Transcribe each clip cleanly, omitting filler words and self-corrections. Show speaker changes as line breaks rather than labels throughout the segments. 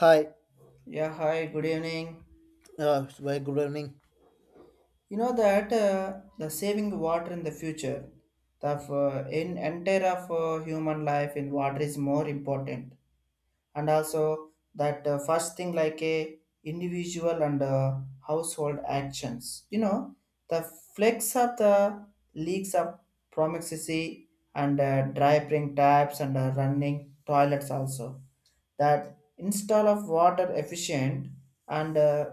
Hi,
Yeah, hi, good evening.
very good evening.
You know that the saving water in the future, the in entire of human life in water is more important, and also that first thing like a individual and household actions. You know the flex of the leaks of proximity and dry spring taps and running toilets also, that install of water efficient and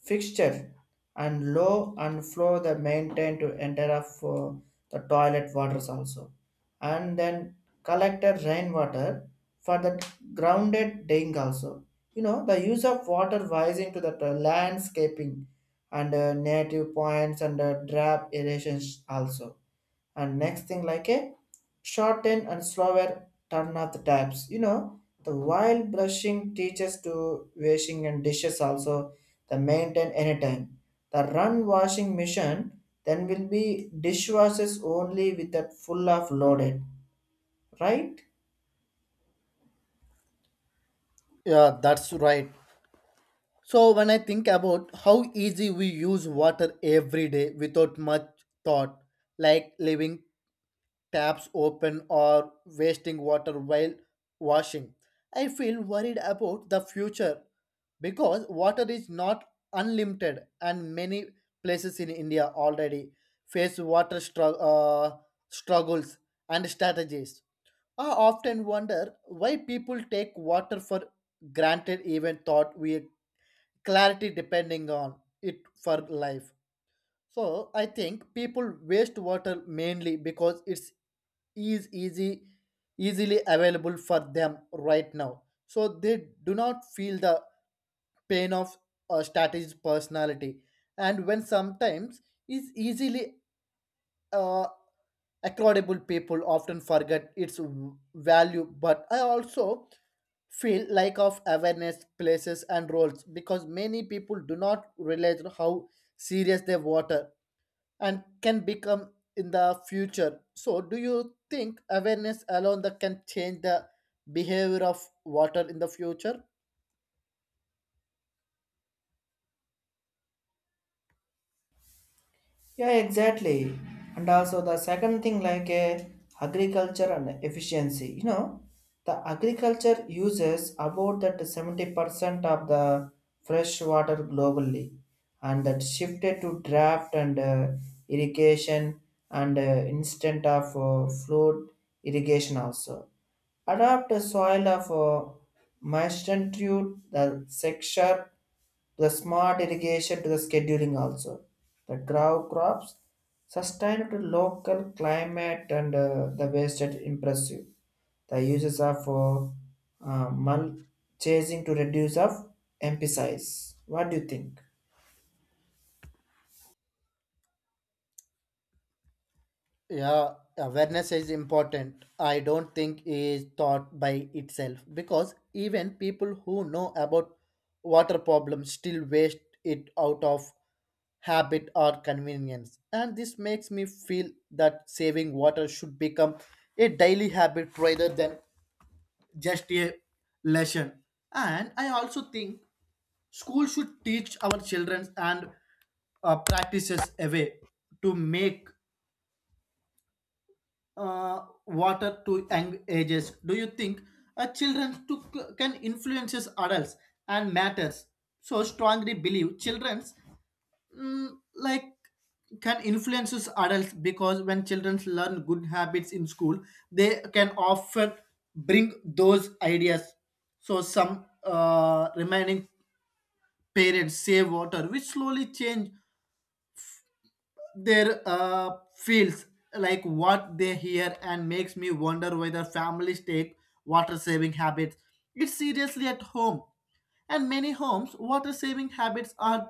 fixture and low and flow the maintain to enter up for the toilet waters also, and then collected rainwater for the grounded ding also. You know the use of water rising to the landscaping and native points and drab irrigations also, and next thing like a shorten and slower turn of the taps. You know the while brushing teaches to washing and dishes also, the maintain anytime the run washing machine, then will be dishwashers only with that full of loaded, right.
Yeah, that's right. So when I think about how easy we use water every day without much thought, like leaving taps open or wasting water while washing, I feel worried about the future because water is not unlimited and many places in India already face struggles and strategies. I often wonder why people take water for granted, even thought we clarity depending on it for life. So I think people waste water mainly because it's is easy easily available for them right now. So they do not feel the pain of a strategist personality, and when sometimes is easily uh, Accordable people often forget its value, but I also feel lack of awareness, places, and roles because many people do not realize how serious their water and can become in the future. So, do you think awareness alone that can change the behavior of water in the future?
Yeah, exactly. And also the second thing like agriculture and efficiency. You know, the agriculture uses about that 70% of the fresh water globally, and that shifted to draft and irrigation and instant of flood irrigation also. Adapt a soil of magnitude, the sector, the smart irrigation to the scheduling also. The grow crops sustain to local climate and the wasted impressive. The uses of mulching to reduce of emphasis. What do you think?
Yeah, awareness is important. I don't think is taught by itself because even people who know about water problems still waste it out of habit or convenience. And this makes me feel that saving water should become a daily habit rather than just a lesson. And I also think school should teach our children and practices a way to make uh, water to young ages. Do you think children to, can influences adults and matters? So strongly believe children's like can influences adults because when children learn good habits in school, they can often bring those ideas. So some remaining parents save water, which slowly change their feels like what they hear and makes me wonder whether families take water saving habits it's seriously at home and many homes water saving habits are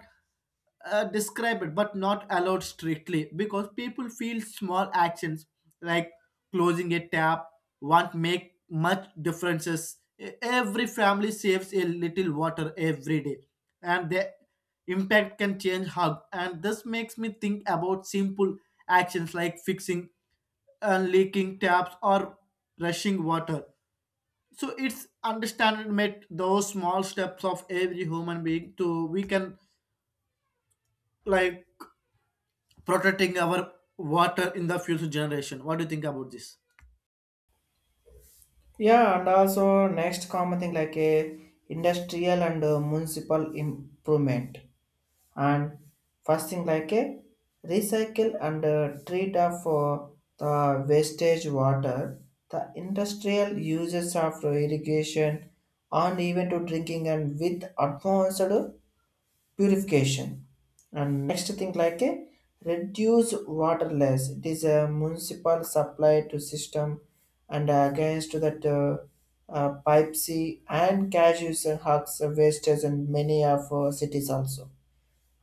describe it but not allowed strictly because people feel small actions like closing a tap won't make much differences every family saves a little water every day and the impact can change how and this makes me think about simple actions like fixing leaking taps or rushing water so it's understandable that those small steps of every human being to we can like protecting our water in the future generation. What do you think about this?
Yeah, and also next common thing like a industrial and municipal improvement, and first thing like a recycle and treat of the wastage water, the industrial uses of irrigation and even to drinking and with advanced purification. And next thing like a reduce water less, it is a municipal supply to system and against that pipe c and cash use and hugs wastage and many of cities also.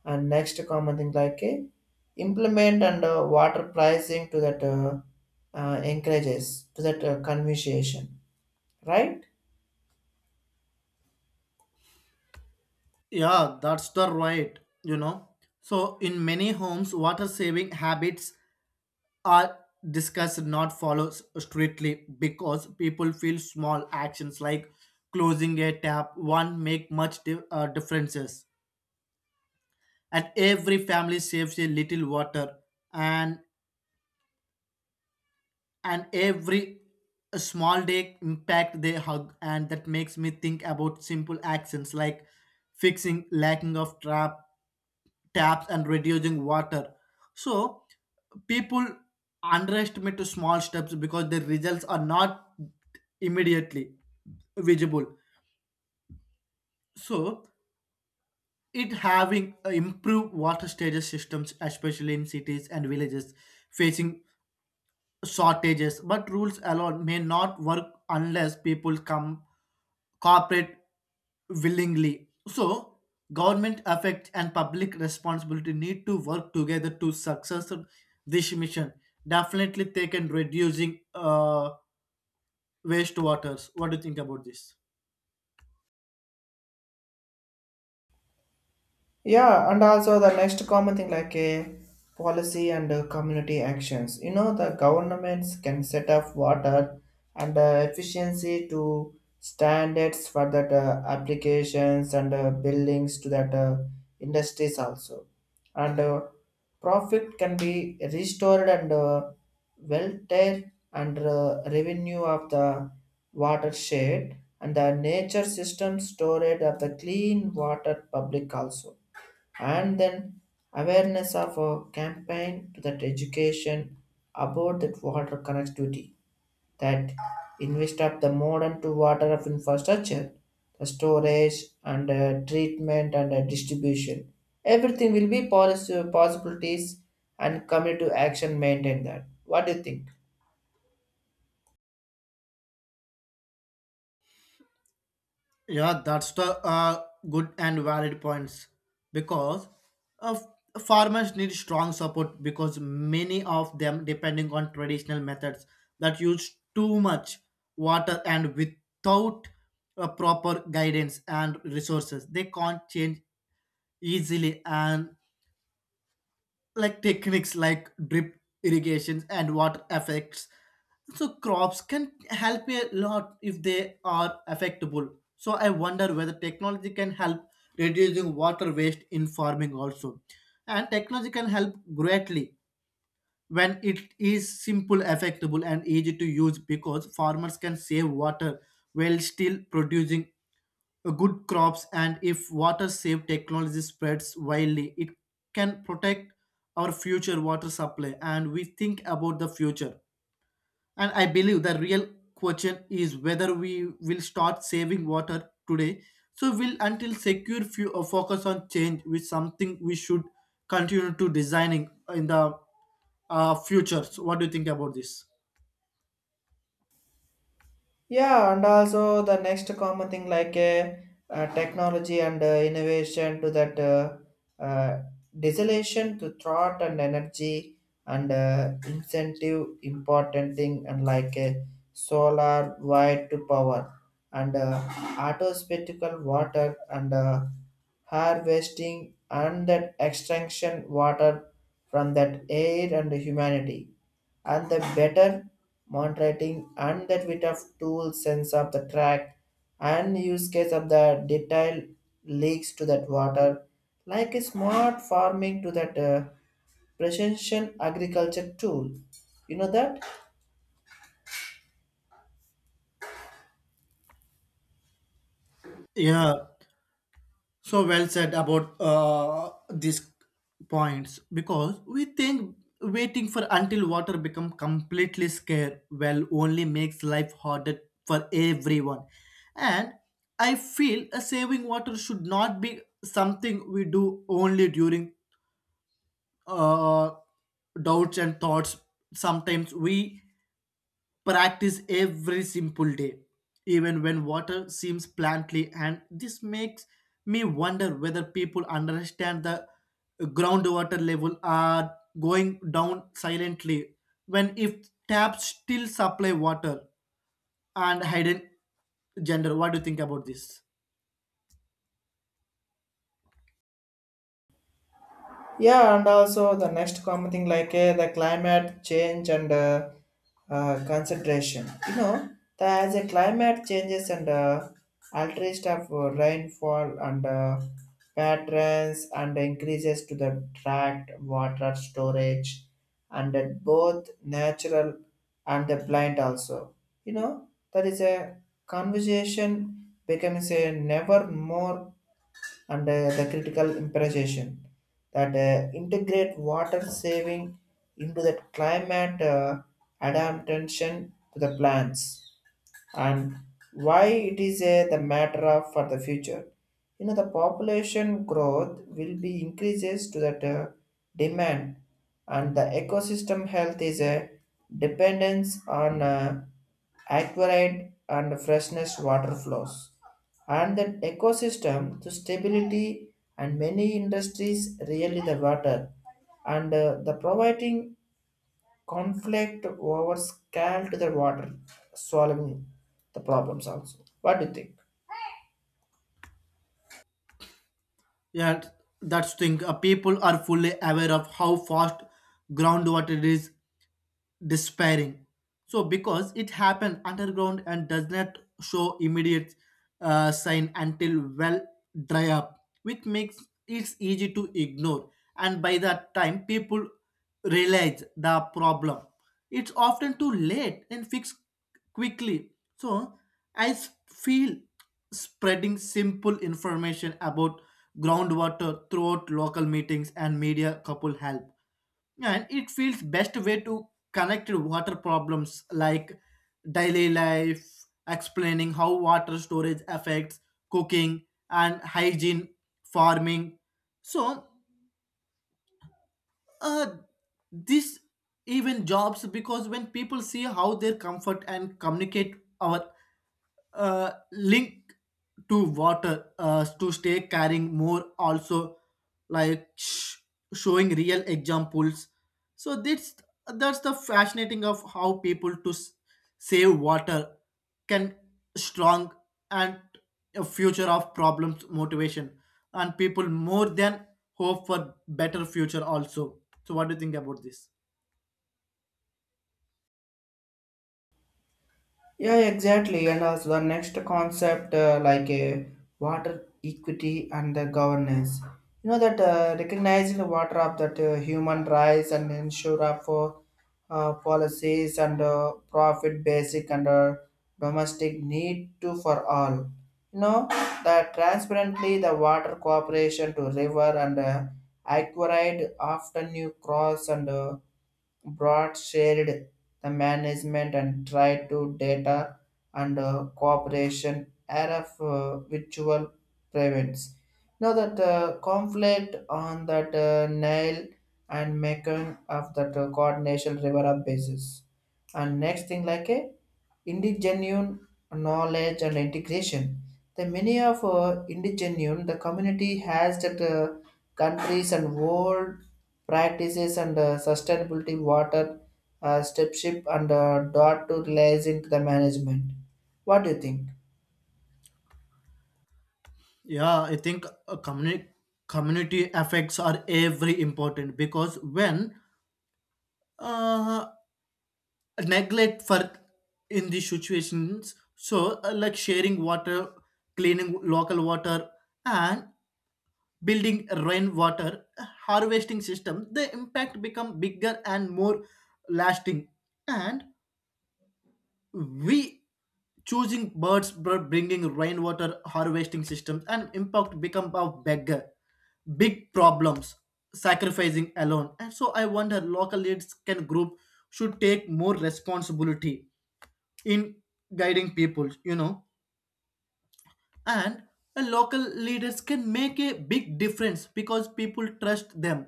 And next common thing like implement and water pricing to that encourages to that conversation, right.
Yeah, that's the right, you know. So in many homes, water saving habits are discussed not followed strictly because people feel small actions like closing a tap one make much differences and every family saves a little water and every small day impact they hug and that makes me think about simple actions like fixing lacking of trap taps and reducing water so people underestimate the small steps because the results are not immediately visible. So it having improved water storage systems especially in cities and villages facing shortages, but rules alone may not work unless people come cooperate willingly. So, government effect and public responsibility need to work together to success this mission. Definitely, they can reducing waste waters. What do you think about this?
Yeah, and also the next common thing like a policy and community actions. You know, the governments can set up water and efficiency to standards for that applications and buildings to that industries also, and profit can be restored and welfare and revenue of the watershed and the nature system storage of the clean water public also, and then awareness of a campaign to that education about that water connectivity, that invest up the modern to water of infrastructure, the storage and treatment and distribution. Everything will be policy possibilities and community to action maintain that, what do you think?
Yeah, that's the good and valid points because uh, farmers need strong support because many of them depending on traditional methods that use too much water and without proper guidance and resources they can't change easily, and like techniques like drip irrigations and water effects so crops can help a lot if they are affectable. So I wonder whether technology can help reducing water waste in farming also. And technology can help greatly when it is simple affectable and easy to use because farmers can save water while still producing good crops, and if water save technology spreads widely it can protect our future water supply. And we think about the future, and I believe the real question is whether we will start saving water today. So will until secure few focus on change with something we should continue to designing in the future. So what do you think about this?
Yeah, and also the next common thing like technology and innovation to that uh, desolation to thought and energy and incentive important thing and like solar wind to power and autospatical water and harvesting and that extraction water from that air and humanity, and the better monitoring and that bit of tool sense of the track and use case of the detail leaks to that water, like a smart farming to that precision agriculture tool, you know that.
Yeah. So well said about these points because we think waiting for until water become completely scarce well only makes life harder for everyone. And I feel saving water should not be something we do only during uh, doubts and thoughts. Sometimes we practice every simple day, even when water seems plantly. And this makes me wonder whether people understand the groundwater level are going down silently when if taps still supply water and hidden gender. What do you think about this?
Yeah, and also the next common thing like the climate change and concentration. You know the, as a climate changes and alteration of rainfall and patterns and increases to the tract water storage, and that both natural and the blind also. You know that is a conversation becomes a never more and the critical impression that integrate water saving into the climate adaptation to the plants, and why it is a the matter of for the future. You know the population growth will be increases to that demand, and the ecosystem health is a dependence on aquarium and freshness water flows, and that ecosystem to stability and many industries really the water and the providing conflict over scale to the water solving the problems also, what do you think?
Yeah, that's thing. People are fully aware of how fast groundwater is despairing. So because it happened underground and does not show immediate sign until well dry up, which makes it easy to ignore. And by that time, people realize the problem. It's often too late and fixed quickly. So I feel spreading simple information about groundwater throughout local meetings and media couple help, and it feels best way to connect water problems like daily life, explaining how water storage affects cooking and hygiene farming. So uh, this even jobs because when people see how their comfort and communicate our link to water to stay carrying more also, like showing real examples. So that's the fascinating of how people to save water can strong and a future of problems motivation and people more than hope for better future also. So what do you think about this?
Yeah, exactly. And also the next concept, like water equity and the governance. You know that recognizing the water of that human rights and ensure of for policies and profit basic and domestic need to for all. You know that transparently the water cooperation to river and aquaried often you cross and Broad shared the management and tried to data and cooperation era of virtual prevents. Now that conflict on that nail and making of that coordination river up basis. And next thing like a indigenous knowledge and integration. The many of indigenous the community has that countries and world practices and sustainability water stewardship and dot to lies into the management. What do you think?
Yeah, I think a community effects are every important because when uh, neglect for in these situations. So, like sharing water, cleaning local water, and building rainwater harvesting system, the impact become bigger and more lasting. And we choosing birds bringing rainwater harvesting systems and impact become a beggar big problems sacrificing alone. And so I wonder local leads can group should take more responsibility in guiding people, you know. And local leaders can make a big difference because people trust them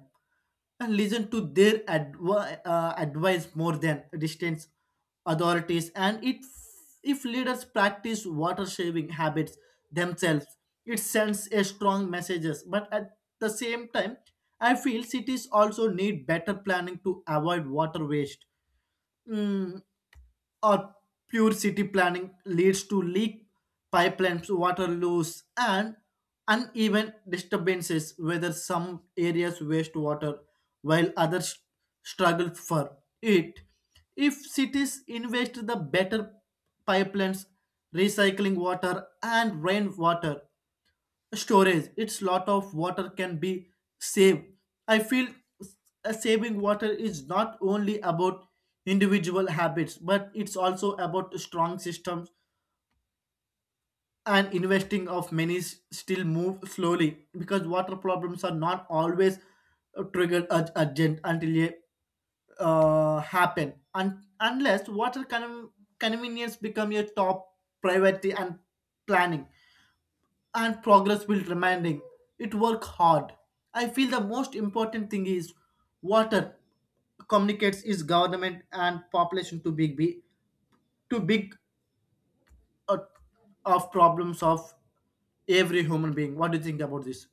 and listen to their advice more than distant authorities. And it, if leaders practice water saving habits themselves, it sends a strong messages. But at the same time, I feel cities also need better planning to avoid water waste. mm, or pure city planning leads to leak pipelines, water loss, and uneven disturbances, whether some areas waste water while others struggle for it. If cities invest the better pipelines, recycling water and rainwater, storage it's lot of water can be saved. I feel s- saving water is not only about individual habits but it's also about strong systems and investing of many still move slowly because water problems are not always triggered urgent until a happen. And unless water convenience become your top priority and planning and progress will remaining. It work hard. I feel the most important thing is water communicates is government and population to big be too big uh, of problems of every human being. What do you think about this?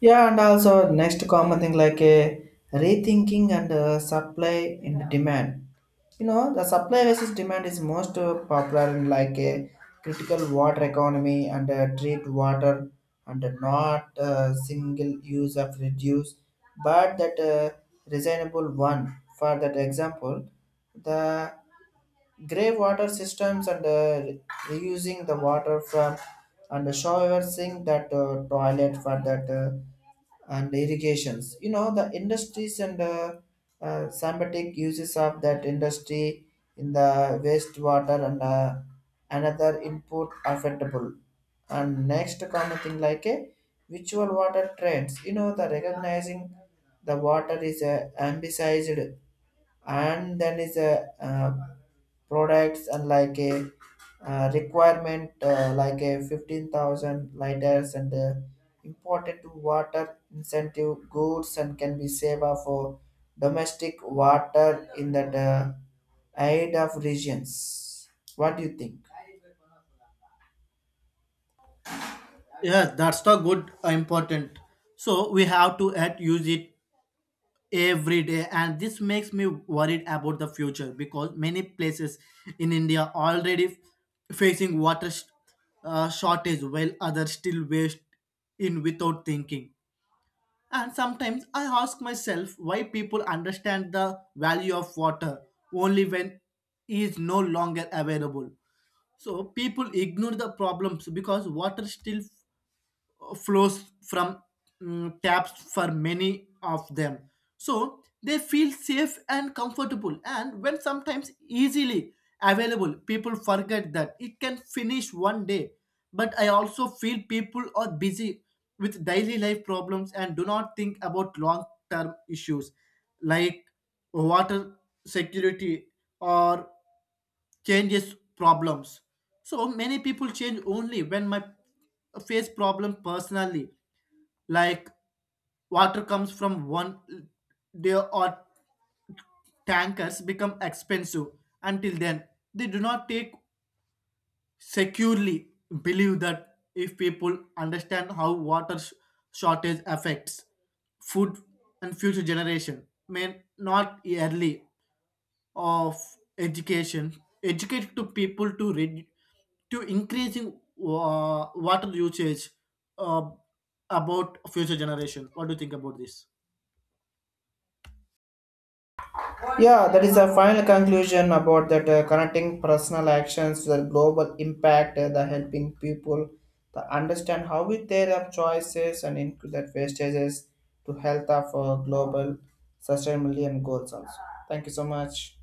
Yeah, and also next common thing like a rethinking and supply and demand. You know, the supply versus demand is most popular in like a critical water economy and treat water and not single use of reduce, but that reasonable one. For that example, the grey water systems and reusing the water from and showering that toilet for that. And irrigations. You know, the industries and symbiotic uses of that industry in the wastewater and another input affectable. And next common thing like a virtual water trends. You know, the recognizing the water is ambicized and then is a products and like a requirement like a 15,000 liters and important to water incentive goods and can be saved for domestic water in that aid of regions, what do you think?
Yes, that's the good important. So we have to at use it every day and this makes me worried about the future because many places in India already f- facing water shortage while others still waste in without thinking. And sometimes I ask myself why people understand the value of water only when it is no longer available. So people ignore the problems because water still flows from taps for many of them. So they feel safe and comfortable, and when sometimes easily available, people forget that it can finish one day. But I also feel people are busy with daily life problems and do not think about long term issues like water security or changes problems. So many people change only when my face problem personally, like water comes from one day or tankers become expensive. Until then, they do not take securely believe that if people understand how water shortage affects food and future generation may not early of education educate to people to read to increasing water usage uh, about future generation. What do you think about this?
Yeah, that is a final conclusion about that connecting personal actions to the global impact, the helping people to understand how we take up choices and include that wastages to health of global sustainability and goals also. Thank you so much.